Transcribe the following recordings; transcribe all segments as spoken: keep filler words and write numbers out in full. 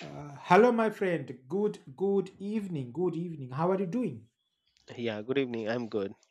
Uh, hello, my friend. Good, good evening. Good evening. How are you doing? Yeah, good evening. I'm good.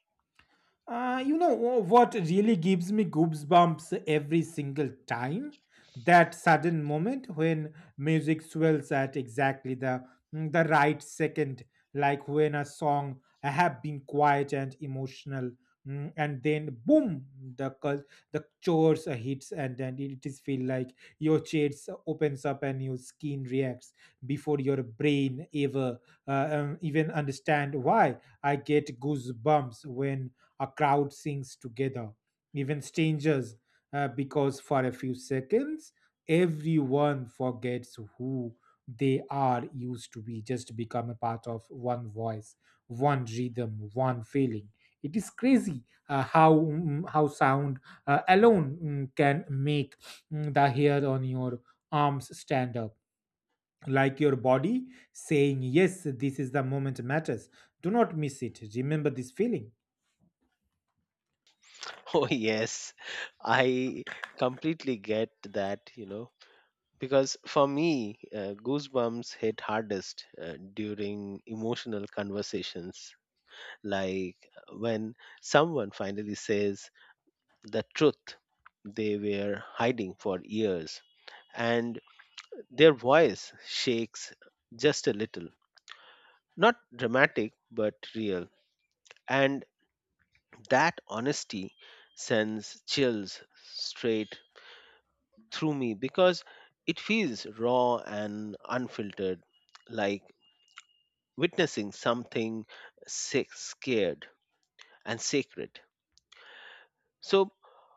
Uh, you know wha- what really gives me goosebumps every single time? That sudden moment when music swells at exactly the mm, the right second, like when a song have been quiet and emotional, mm, and then boom, the cul- the chorus hits, and then it is feel like your chest opens up and your skin reacts before your brain ever uh, um, even understand why. I get goosebumps when a crowd sings together, even strangers, uh, because for a few seconds, everyone forgets who they are used to be, just become a part of one voice, one rhythm, one feeling. It is crazy uh, how mm, how sound uh, alone mm, can make mm, the hair on your arms stand up like your body saying yes, this is the moment matters, do not miss it, remember this feeling. Oh, yes. I completely get that, you know, because for me, uh, goosebumps hit hardest uh, during emotional conversations, like uh, when someone finally says the truth they were hiding for years and their voice shakes just a little. Not dramatic, but real. And That honesty sends chills straight through me because it feels raw and unfiltered, like witnessing something sick, scared and sacred. So,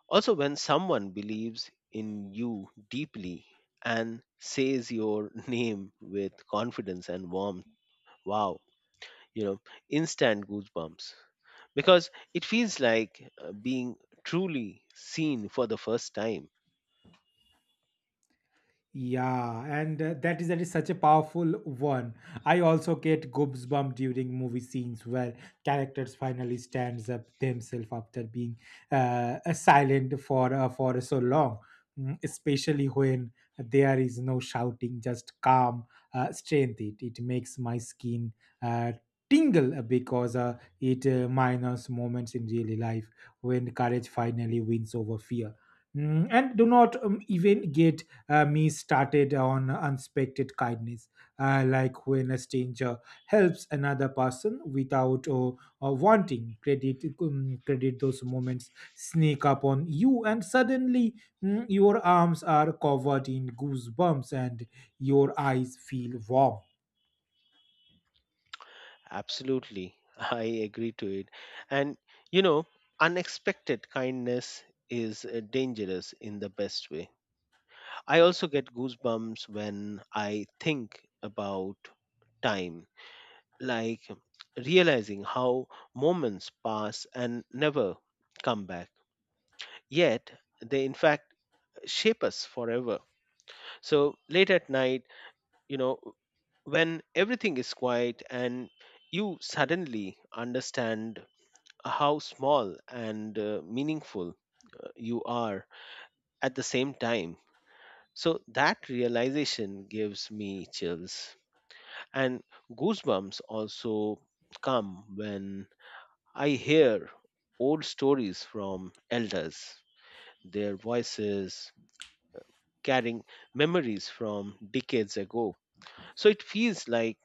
also, when someone believes in you deeply and says your name with confidence and warmth, wow, you know, instant goosebumps because it feels like uh, being truly seen for the first time. Yeah, and uh, that is that is such a powerful one. I also get goosebumps during movie scenes where characters finally stands up themselves after being uh, uh, silent for uh, for so long. Mm, Especially when there is no shouting, just calm uh, strength. It it makes my skin uh, tingle because uh, it uh, minus moments in daily life when courage finally wins over fear. Mm, and do not um, even get uh, me started on unexpected kindness, uh, like when a stranger helps another person without uh, uh, wanting credit. Um, credit those moments sneak up on you, and suddenly mm, your arms are covered in goosebumps, and your eyes feel warm. Absolutely. I agree to it. And, you know, unexpected kindness is uh, dangerous in the best way. I also get goosebumps when I think about time, like realizing how moments pass and never come back. Yet, they in fact shape us forever. So, late at night, you know, when everything is quiet and you suddenly understand how small and uh, meaningful uh, you are at the same time. So that realization gives me chills. And goosebumps also come when I hear old stories from elders, their voices carrying memories from decades ago. So it feels like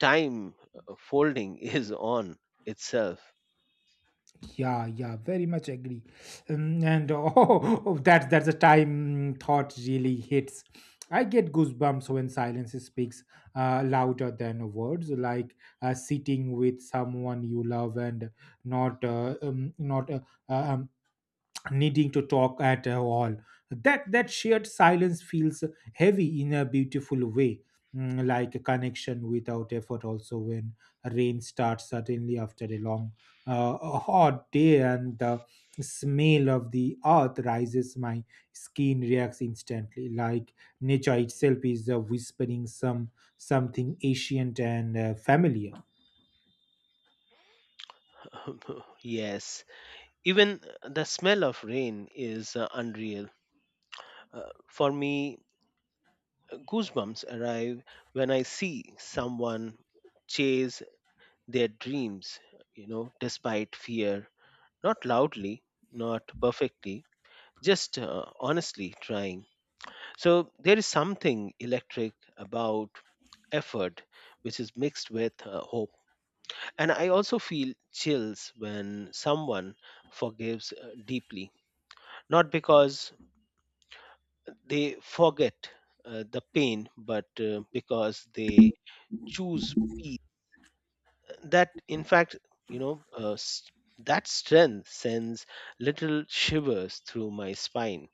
time uh, folding is on itself. Yeah, yeah, very much agree. Um, and oh, oh, that's that's the time thought really hits. I get goosebumps when silence speaks uh, louder than words, like uh, sitting with someone you love and not uh, um, not uh, uh, um, needing to talk at all. That that shared silence feels heavy in a beautiful way, mm, like a connection without effort. Also, when rain starts suddenly after a long, uh, a hot day, and the smell of the earth rises, my skin reacts instantly, like nature itself is uh, whispering some something ancient and uh, familiar. yes, even uh, the smell of rain is uh, unreal. Uh, for me, goosebumps arrive when I see someone chase their dreams, you know, despite fear. Not loudly, not perfectly, just uh, honestly trying. So there is something electric about effort which is mixed with uh, hope. And I also feel chills when someone forgives uh, deeply, not because they forget uh, the pain, but uh, because they choose peace, that in fact, you know, uh, s- that strength sends little shivers through my spine.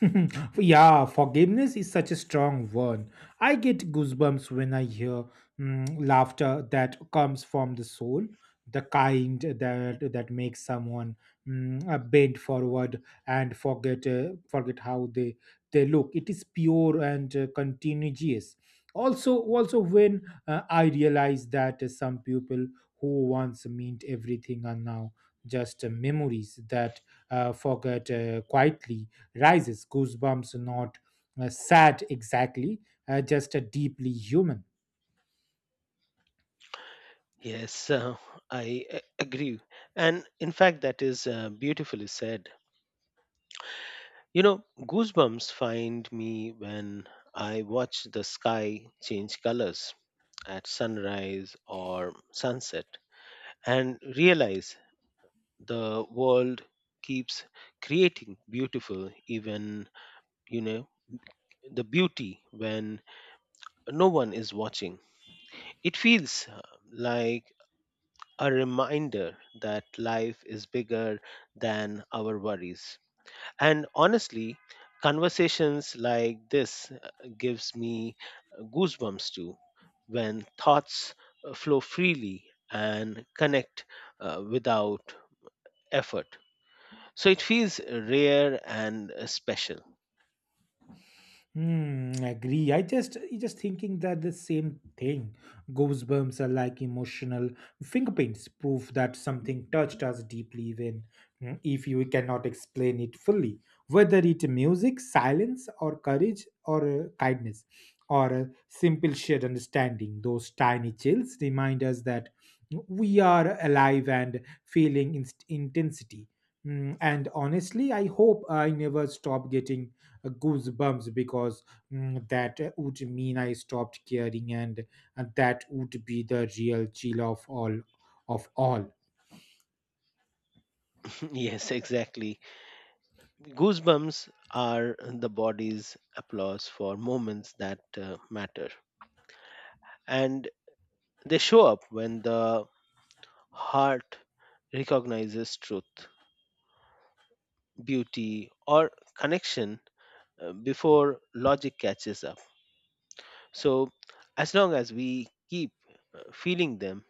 Yeah, forgiveness is such a strong word. I get goosebumps when I hear mm, laughter that comes from the soul, the kind that that makes someone mm, uh, bend forward and forget uh, forget how they they look. It is pure and uh, contagious. Also, also when uh, I realize that uh, some people who once meant everything are now just uh, memories that uh, forget uh, quietly rises goosebumps, not uh, sad exactly, uh, just a deeply human. Yes, uh, I a- agree. And in fact, that is uh, beautifully said. You know, goosebumps find me when I watch the sky change colors at sunrise or sunset and realize the world keeps creating beautiful even you know the beauty when no one is watching. It feels uh, like a reminder that life is bigger than our worries. And honestly, conversations like this uh, gives me uh, goosebumps too when thoughts uh, flow freely and connect uh, without effort. So it feels rare and uh, special. Hmm, agree. I just I just thinking that the same thing. Goosebumps are like emotional fingerprints, proof that something touched us deeply, even mm, if you cannot explain it fully. Whether it music, silence, or courage, or uh, kindness, or a simple shared understanding, those tiny chills remind us that we are alive and feeling inst- intensity. Mm, and honestly, I hope I never stop getting uh, goosebumps because mm, that would mean I stopped caring, and, and that would be the real chill of all of all. yes, exactly. Goosebumps are the body's applause for moments that uh, matter. And they show up when the heart recognizes truth, beauty, or connection uh, before logic catches up. So as long as we keep uh, feeling them,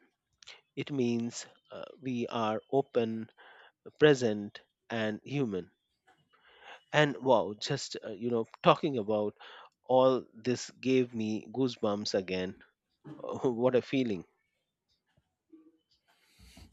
it means uh, we are open, present, and human. And wow, just uh, you know, talking about all this gave me goosebumps again. Oh, what a feeling!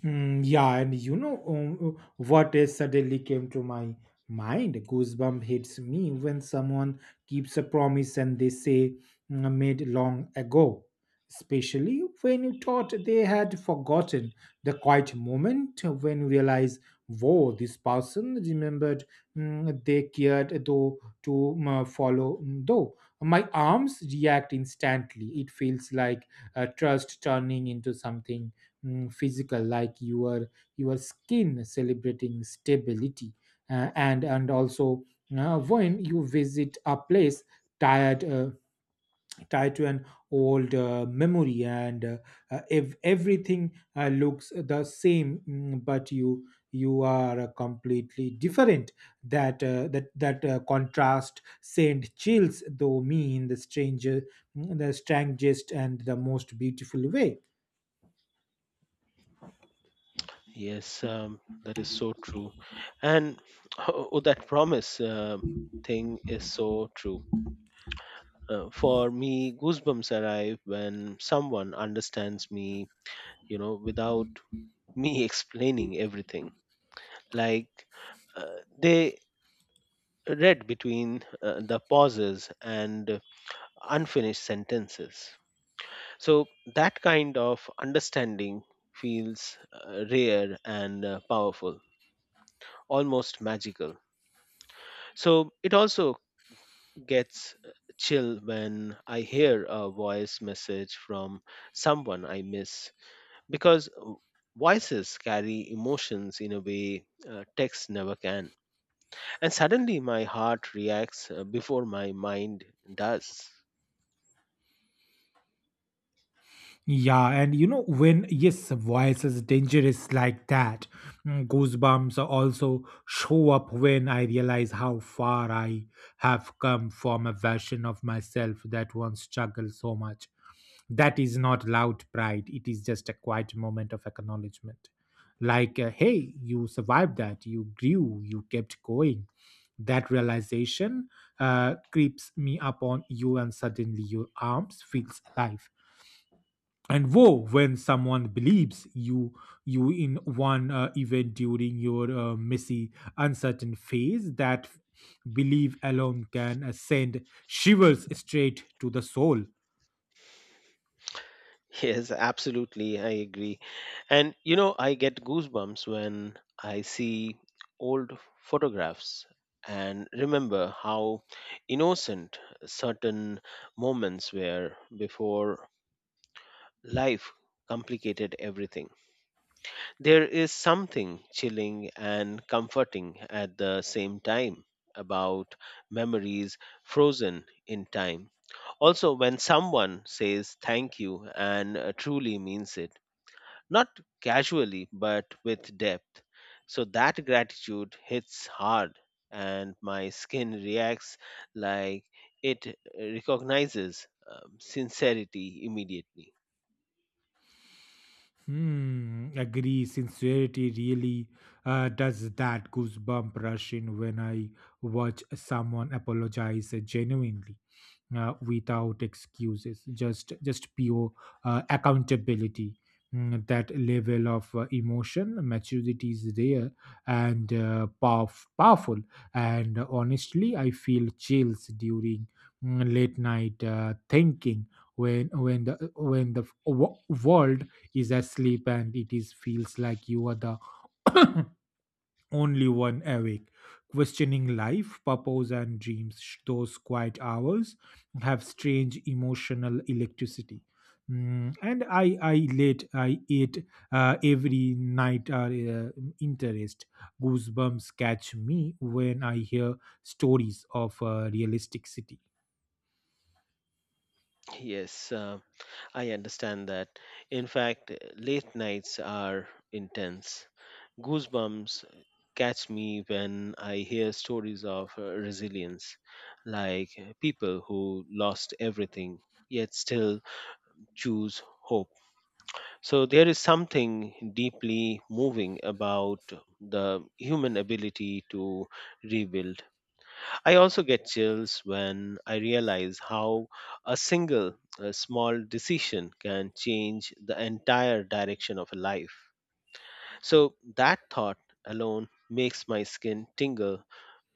Mm, yeah, and you know, um, what is suddenly came to my mind? Goosebump hits me when someone keeps a promise and they say, "Mm, made long ago, especially when you thought they had forgotten the quiet moment when you realize, whoa, this person remembered, mm, they cared though to mm, follow mm, though. My arms react instantly. It feels like uh, trust turning into something mm, physical, like your your skin celebrating stability. Uh, and and also uh, when you visit a place tied uh, tied to an old uh, memory and uh, uh, if everything uh, looks the same, mm, but you you are uh, completely different, that uh, that that uh, contrast sent chills though me in the stranger, mm, the strangest and the most beautiful way. Yes, um, that is so true. And oh, that promise uh, thing is so true. Uh, for me, goosebumps arrive when someone understands me, you know, without me explaining everything. Like uh, they read between uh, the pauses and unfinished sentences. So that kind of understanding feels uh, rare and uh, powerful, almost magical. So it also gets uh, chill when I hear a voice message from someone I miss because uh, voices carry emotions in a way uh, text never can. And suddenly my heart reacts uh, before my mind does. Yeah, and you know, when yes, voices dangerous like that. Mm, Goosebumps also show up when I realize how far I have come from a version of myself that once struggled so much. That is not loud pride; it is just a quiet moment of acknowledgement. Like, uh, hey, you survived that. You grew. You kept going. That realization uh, creeps me up on you, and suddenly your arms feels alive, and woe when someone believes you you in one uh, event during your uh, messy uncertain phase, that belief alone can uh, send shivers straight to the soul. Yes, absolutely. I agree. And you know, I get goosebumps when I see old photographs and remember how innocent certain moments were before life complicated everything. There is something chilling and comforting at the same time about memories frozen in time. Also, when someone says thank you and uh, truly means it, not casually but with depth, so that gratitude hits hard and my skin reacts like it recognizes um, sincerity immediately. Hmm, agree, sincerity really uh, does that. Goosebump rush in when I watch someone apologize genuinely uh, without excuses, just just pure uh, accountability. Mm, that level of uh, emotion maturity is there and uh, powerf- powerful. And honestly, I feel chills during mm, late night uh, thinking, when when the when the w- world is asleep and it is feels like you are the only one awake, questioning life, purpose, and dreams. Sh- Those quiet hours have strange emotional electricity. Mm, and I, I late, I ate uh, every night are uh, interest. Goosebumps catch me when I hear stories of a realistic city. Yes uh, I understand that. In fact, late nights are intense. Goosebumps catch me when I hear stories of uh, resilience, like uh, people who lost everything yet still choose hope. So there is something deeply moving about the human ability to rebuild. I also get chills when I realize how a single uh, small decision can change the entire direction of a life. So that thought alone makes my skin tingle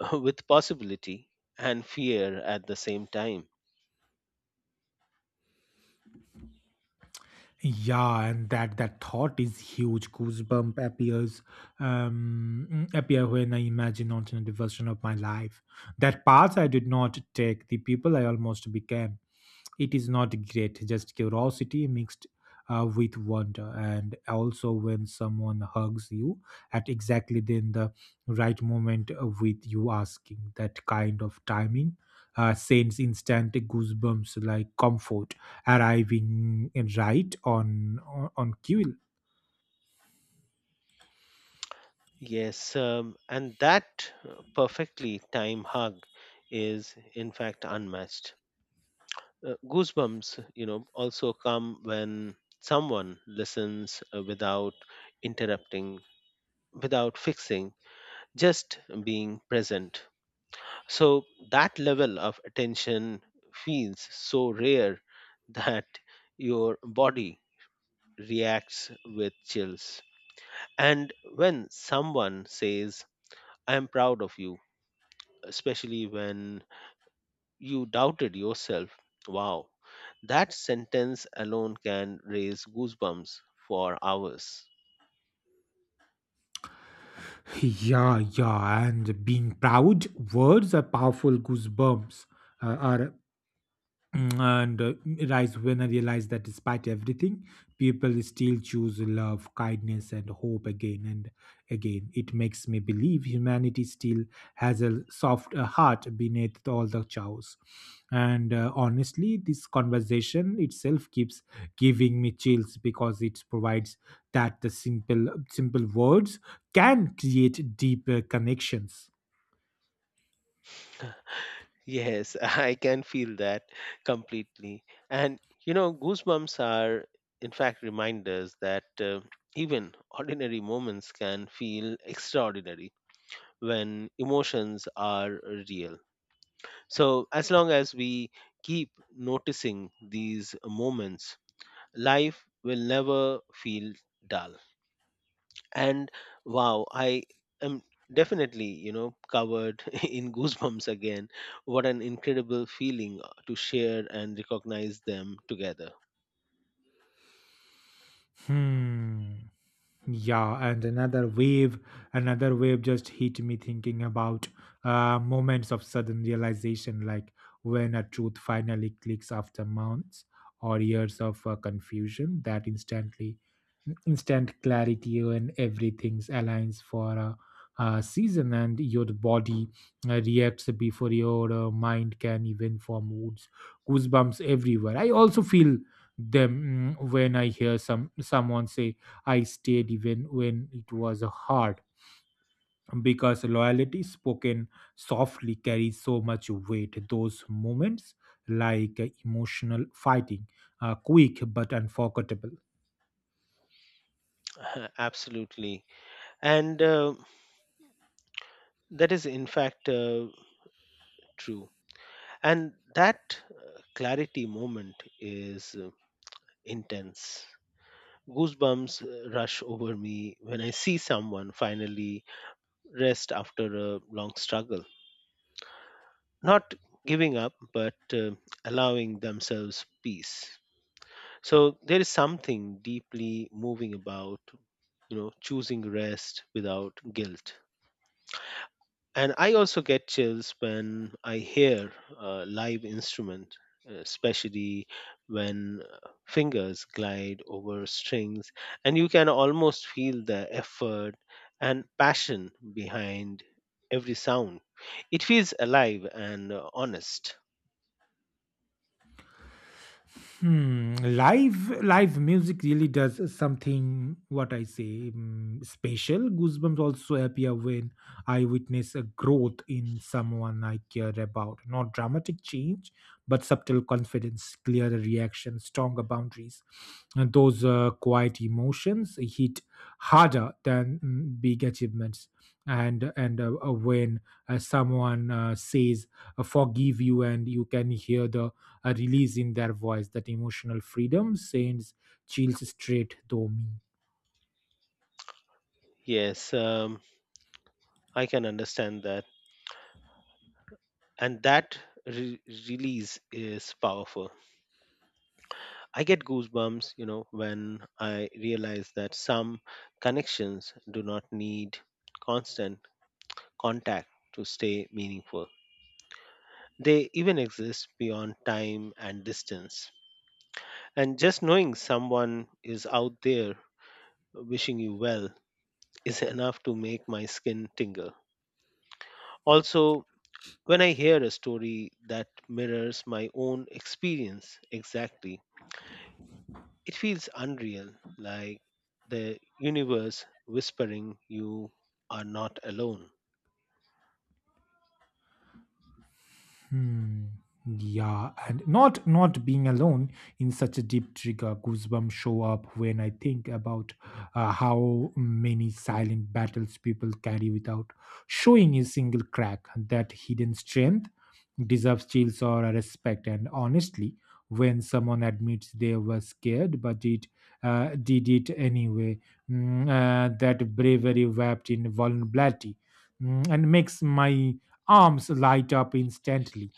with possibility and fear at the same time. Yeah, and that that thought is huge. Goosebump appears um, mm, appear when I imagine alternative version of my life. That path I did not take, the people I almost became, it is not great, just curiosity mixed uh, with wonder. And also when someone hugs you at exactly then the right moment uh, with you asking, that kind of timing uh, sends instant goosebumps, like comfort arriving right on on, on cue. Yes, um, and that uh, perfectly timed hug is in fact unmatched. Uh, goosebumps, you know, also come when someone listens uh, without interrupting, without fixing, just being present. So that level of attention feels so rare that your body reacts with chills. And when someone says, I am proud of you, especially when you doubted yourself, wow, that sentence alone can raise goosebumps for hours. Yeah, yeah, and being proud, words are powerful. Goosebumps uh, are Mm, and uh, rise when I realized that despite everything, people still choose love, kindness, and hope again and again. It makes me believe humanity still has a soft uh, heart beneath all the chaos. And uh, honestly, this conversation itself keeps giving me chills because it provides that the simple simple words can create deeper connections. Yes, I can feel that completely. And you know, goosebumps are, in fact, reminders that uh, even ordinary moments can feel extraordinary when emotions are real. So, as long as we keep noticing these moments, life will never feel dull. And wow, I am definitely, you know, covered in goosebumps again. What an incredible feeling uh, to share and recognize them together. Hmm. Yeah, and another wave, another wave just hit me thinking about uh, moments of sudden realization, like when a truth finally clicks after months or years of uh, confusion, that instantly, instant clarity when everything aligns for a, a season and your body uh, reacts before your uh, mind can even form woods, goosebumps everywhere. I also feel them mm, when I hear some someone say I stayed even when it was hard, because loyalty spoken softly carries so much weight. Those moments, like emotional fighting, are quick but unforgettable. Uh, absolutely. And uh, that is in fact uh, true, and that uh, clarity moment is uh, intense. Goosebumps uh, rush over me when I see someone finally rest after a long struggle, not giving up but uh, allowing themselves peace. So there is something deeply moving about, you know, choosing rest without guilt. And I also get chills when I hear a live instrument, especially when uh, fingers glide over strings and you can almost feel the effort and passion behind every sound. It feels alive and uh, honest. Hmm, live live music really does something what I say mm, special. Goosebumps also appear when I witness a growth in someone I care about. Not dramatic change, but subtle confidence, clearer reaction, stronger boundaries. And those uh, quiet emotions hit harder than mm, big achievements. And and uh, uh, when uh, someone uh, says uh, "forgive you," and you can hear the a release in their voice, that emotional freedom sends chills straight through me. Yes, um, I can understand that. And that re- release is powerful. I get goosebumps, you know, when I realize that some connections do not need constant contact to stay meaningful. They even exist beyond time and distance. And just knowing someone is out there wishing you well is enough to make my skin tingle. Also, when I hear a story that mirrors my own experience exactly, it feels unreal, like the universe whispering you are not alone. Hmm. Yeah, and not not being alone in such a deep trigger, goosebumps show up when I think about uh, how many silent battles people carry without showing a single crack. That hidden strength deserves chills or respect. And honestly, when someone admits they were scared but it uh, did it anyway, mm, uh, that bravery wrapped in vulnerability mm, and makes my arms light up instantly.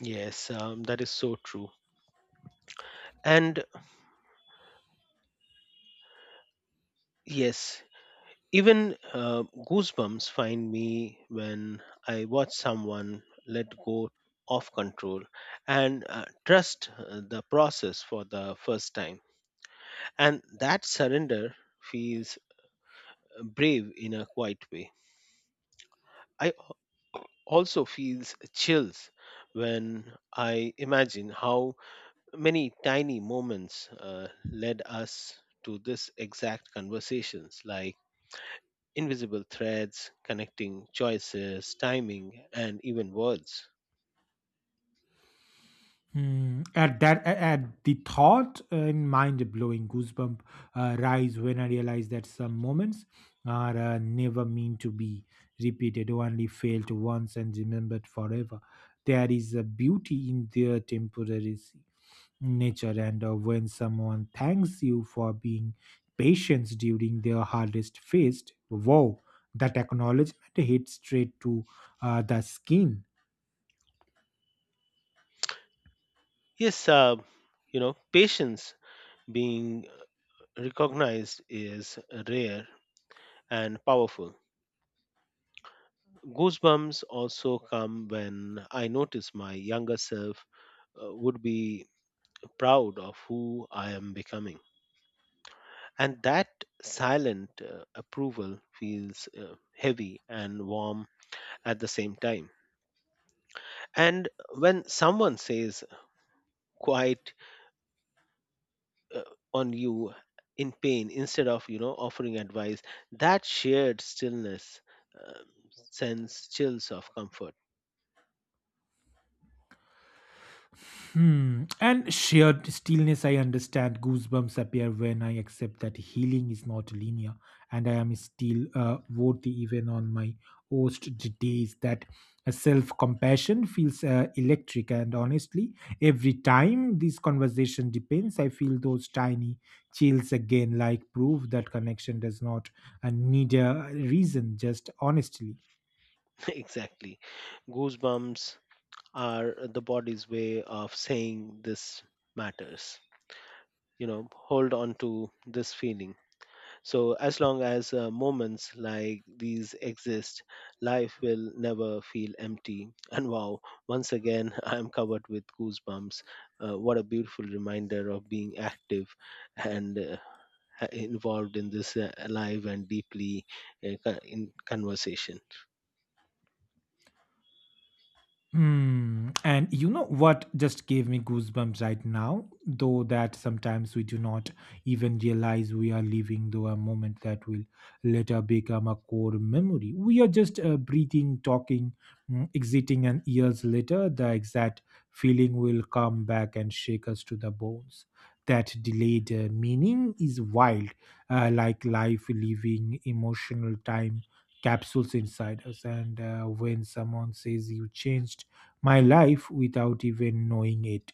Yes, um, that is so true. And yes, even uh, goosebumps find me when I watch someone let go of control and uh, trust uh, the process for the first time. And that surrender feels brave in a quiet way. I also feels chills when I imagine how many tiny moments uh, led us to this exact conversations, like invisible threads connecting choices, timing and even words. Hmm. At that, a- at the thought, uh, and mind-blowing, goosebump uh, rise when I realize that some moments are uh, never meant to be repeated, only felt once and remembered forever. There is a beauty in their temporary s- nature, and uh, when someone thanks you for being patient during their hardest phase, wow, that acknowledgement hits straight to uh, the skin. Yes, uh, you know, patience being recognized is rare and powerful. Goosebumps also come when I notice my younger self uh, would be proud of who I am becoming. And that silent uh, approval feels uh, heavy and warm at the same time. And when someone says quiet uh, on you in pain instead of, you know, offering advice, that shared stillness um, sends chills of comfort. Hmm. And shared stillness, I understand. Goosebumps appear when I accept that healing is not linear, and I am still uh, worthy even on my worst d- days. That self compassion feels uh, electric, and honestly, every time this conversation depends, I feel those tiny chills again, like proof that connection does not uh, need a reason, just honestly. Exactly, goosebumps are the body's way of saying this matters. You know, hold on to this feeling. So, as long as uh, moments like these exist, life will never feel empty. And wow, once again, I'm covered with goosebumps. Uh, what a beautiful reminder of being active and uh, ha- involved in this uh, live and deeply uh, co- in conversation. Hmm. And you know what just gave me goosebumps right now? Though that sometimes we do not even realize we are living through a moment that will later become a core memory. We are just uh, breathing, talking, mm, exiting, and years later, the exact feeling will come back and shake us to the bones. That delayed uh, meaning is wild, uh, like life leaving emotional time capsules inside us. And uh, when someone says you changed my life without even knowing it,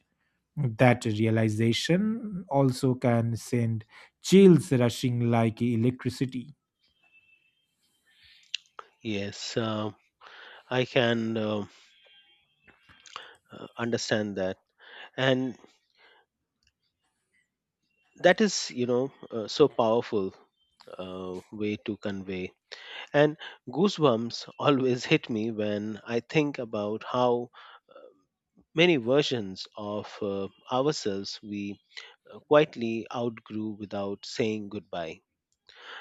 that realization also can send chills rushing like electricity. Yes, uh, I can uh, uh, understand that. And that is, you know, uh, so powerful uh, way to convey. And goosebumps always hit me when I think about how many versions of uh, ourselves we uh, quietly outgrew without saying goodbye.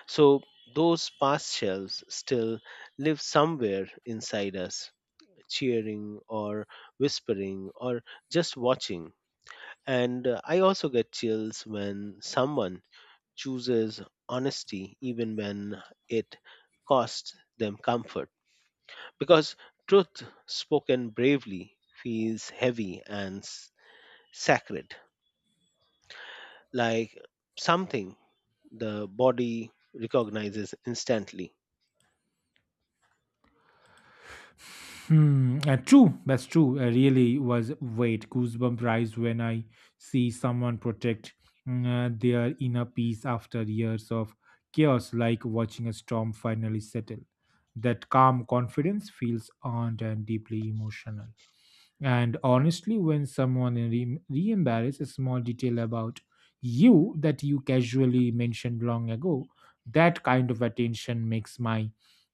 So those past selves still live somewhere inside us, cheering or whispering or just watching. And uh, I also get chills when someone chooses honesty even when it costs them comfort because truth spoken bravely feels heavy and s- sacred, like something the body recognizes instantly. Hmm, uh, true, that's true. I really was wait goosebump rise when I see someone protect mm, uh, their inner peace after years of chaos, like watching a storm finally settle. That calm confidence feels earned and deeply emotional. And honestly, when someone re embarrasses a small detail about you that you casually mentioned long ago, that kind of attention makes my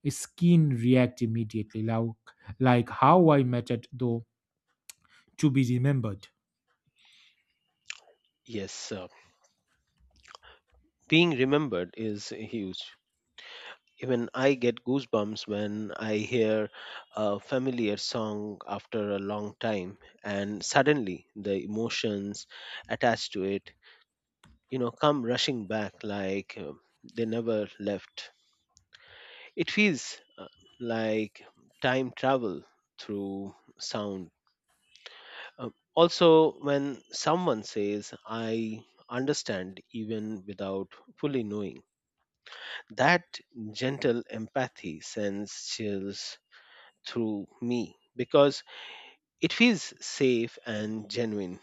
skin react immediately, like, like how I mattered, though, to be remembered. Yes, uh, being remembered is huge. Even I get goosebumps when I hear a familiar song after a long time, and suddenly the emotions attached to it, you know, come rushing back like uh, they never left. It feels uh, like time travel through sound. Uh, Also, when someone says, I understand even without fully knowing, that gentle empathy sends chills through me because it feels safe and genuine.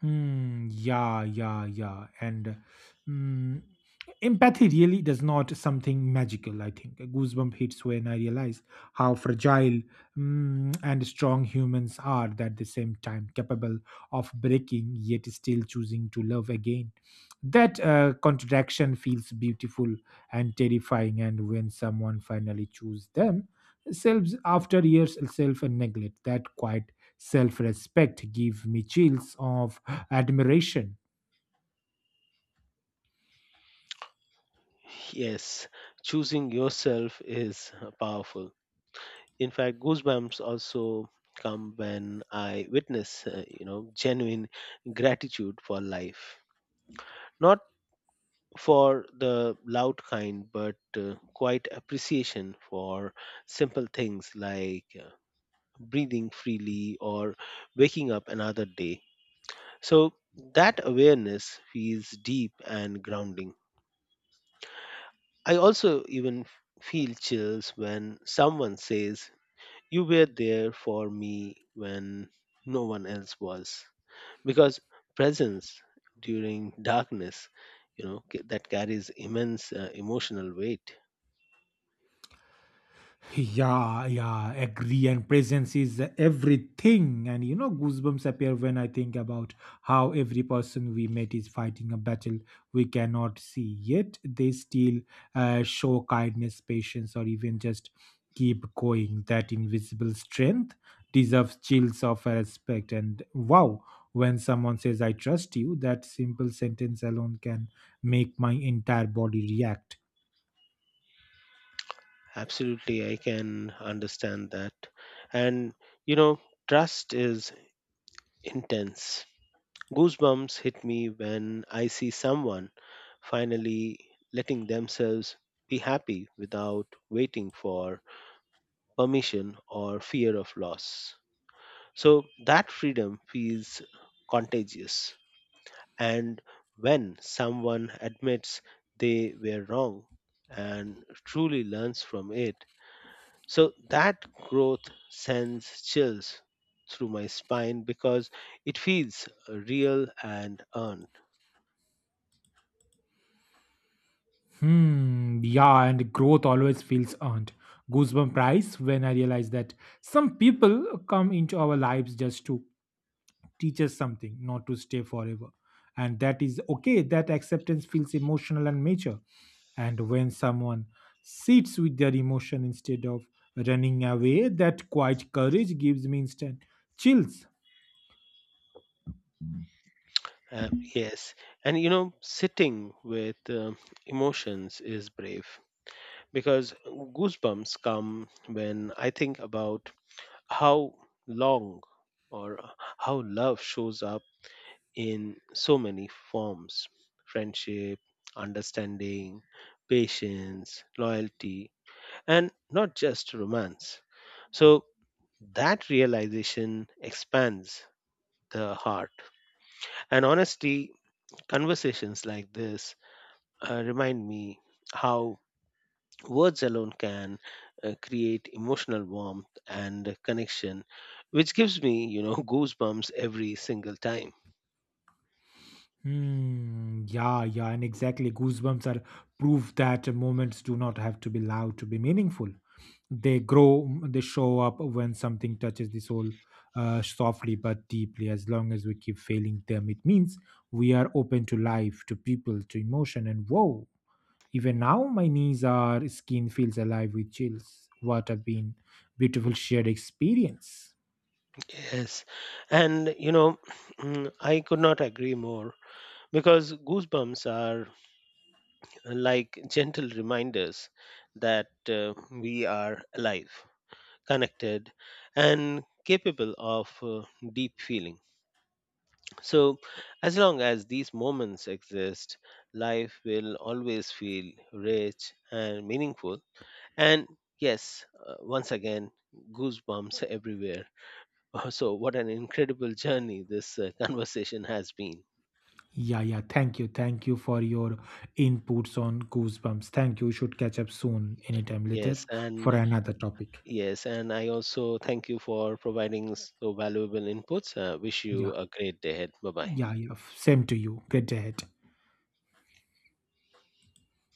Hmm. Yeah. Yeah. Yeah. And mm, empathy really does not something magical. I think a goosebump hits when I realize how fragile mm, and strong humans are at the same time, capable of breaking, yet still choosing to love again. That uh, contradiction feels beautiful and terrifying. And when someone finally chooses themselves after years of self and neglect, that quiet self respect give me chills of admiration. Yes, choosing yourself is uh, powerful. In fact, goosebumps also come when I witness uh, you know, genuine gratitude for life, not for the loud kind but uh, quite appreciation for simple things like uh, breathing freely or waking up another day. So that awareness feels deep and grounding. I also even f- feel chills when someone says, you were there for me when no one else was. Because presence during darkness, you know, ca- that carries immense uh, emotional weight. Yeah, yeah, agree. And presence is everything. And you know, goosebumps appear when I think about how every person we met is fighting a battle we cannot see, yet they still uh, show kindness, patience, or even just keep going. That invisible strength deserves chills of respect. And wow, when someone says I trust you, that simple sentence alone can make my entire body react. Absolutely, I can understand that. And, you know, trust is intense. Goosebumps hit me when I see someone finally letting themselves be happy without waiting for permission or fear of loss. So that freedom feels contagious. And when someone admits they were wrong and truly learns from it, so that growth sends chills through my spine because it feels real and earned. Hmm, yeah, and growth always feels earned. Goosebump prize when I realize that some people come into our lives just to teach us something, not to stay forever. And that is okay. That acceptance feels emotional and mature. And when someone sits with their emotion instead of running away, that quiet courage gives me instant chills. Um, yes. And you know, sitting with um, emotions is brave because goosebumps come when I think about how long or how love shows up in so many forms: friendship, understanding, patience, loyalty, and not just romance. So that realization expands the heart. And honestly, conversations like this uh, remind me how words alone can uh, create emotional warmth and connection, which gives me, you know, goosebumps every single time. Hmm. Yeah, yeah, and exactly. Goosebumps are proof that moments do not have to be loud to be meaningful. They grow, m- they show up when something touches the soul uh, softly but deeply. As long as we keep failing them, it means we are open to life, to people, to emotion, and whoa. Even now, my knees are skin feels alive with chills. What a been beautiful shared experience. Yes. And, you know, mm, I could not agree more because goosebumps are uh, like gentle reminders that uh, we are alive, connected, and capable of uh, deep feeling. So, as long as these moments exist, life will always feel rich and meaningful. And yes, uh, once again, goosebumps everywhere. So, what an incredible journey this uh, conversation has been. Yeah, yeah. Thank you. Thank you for your inputs on Goosebumps. Thank you. We should catch up soon, anytime later, Yes, for and another topic. yes, and I also thank you for providing so valuable inputs. Uh, wish Yeah, you a great day ahead. Bye bye. yeah, yeah. Same to you. Great day ahead.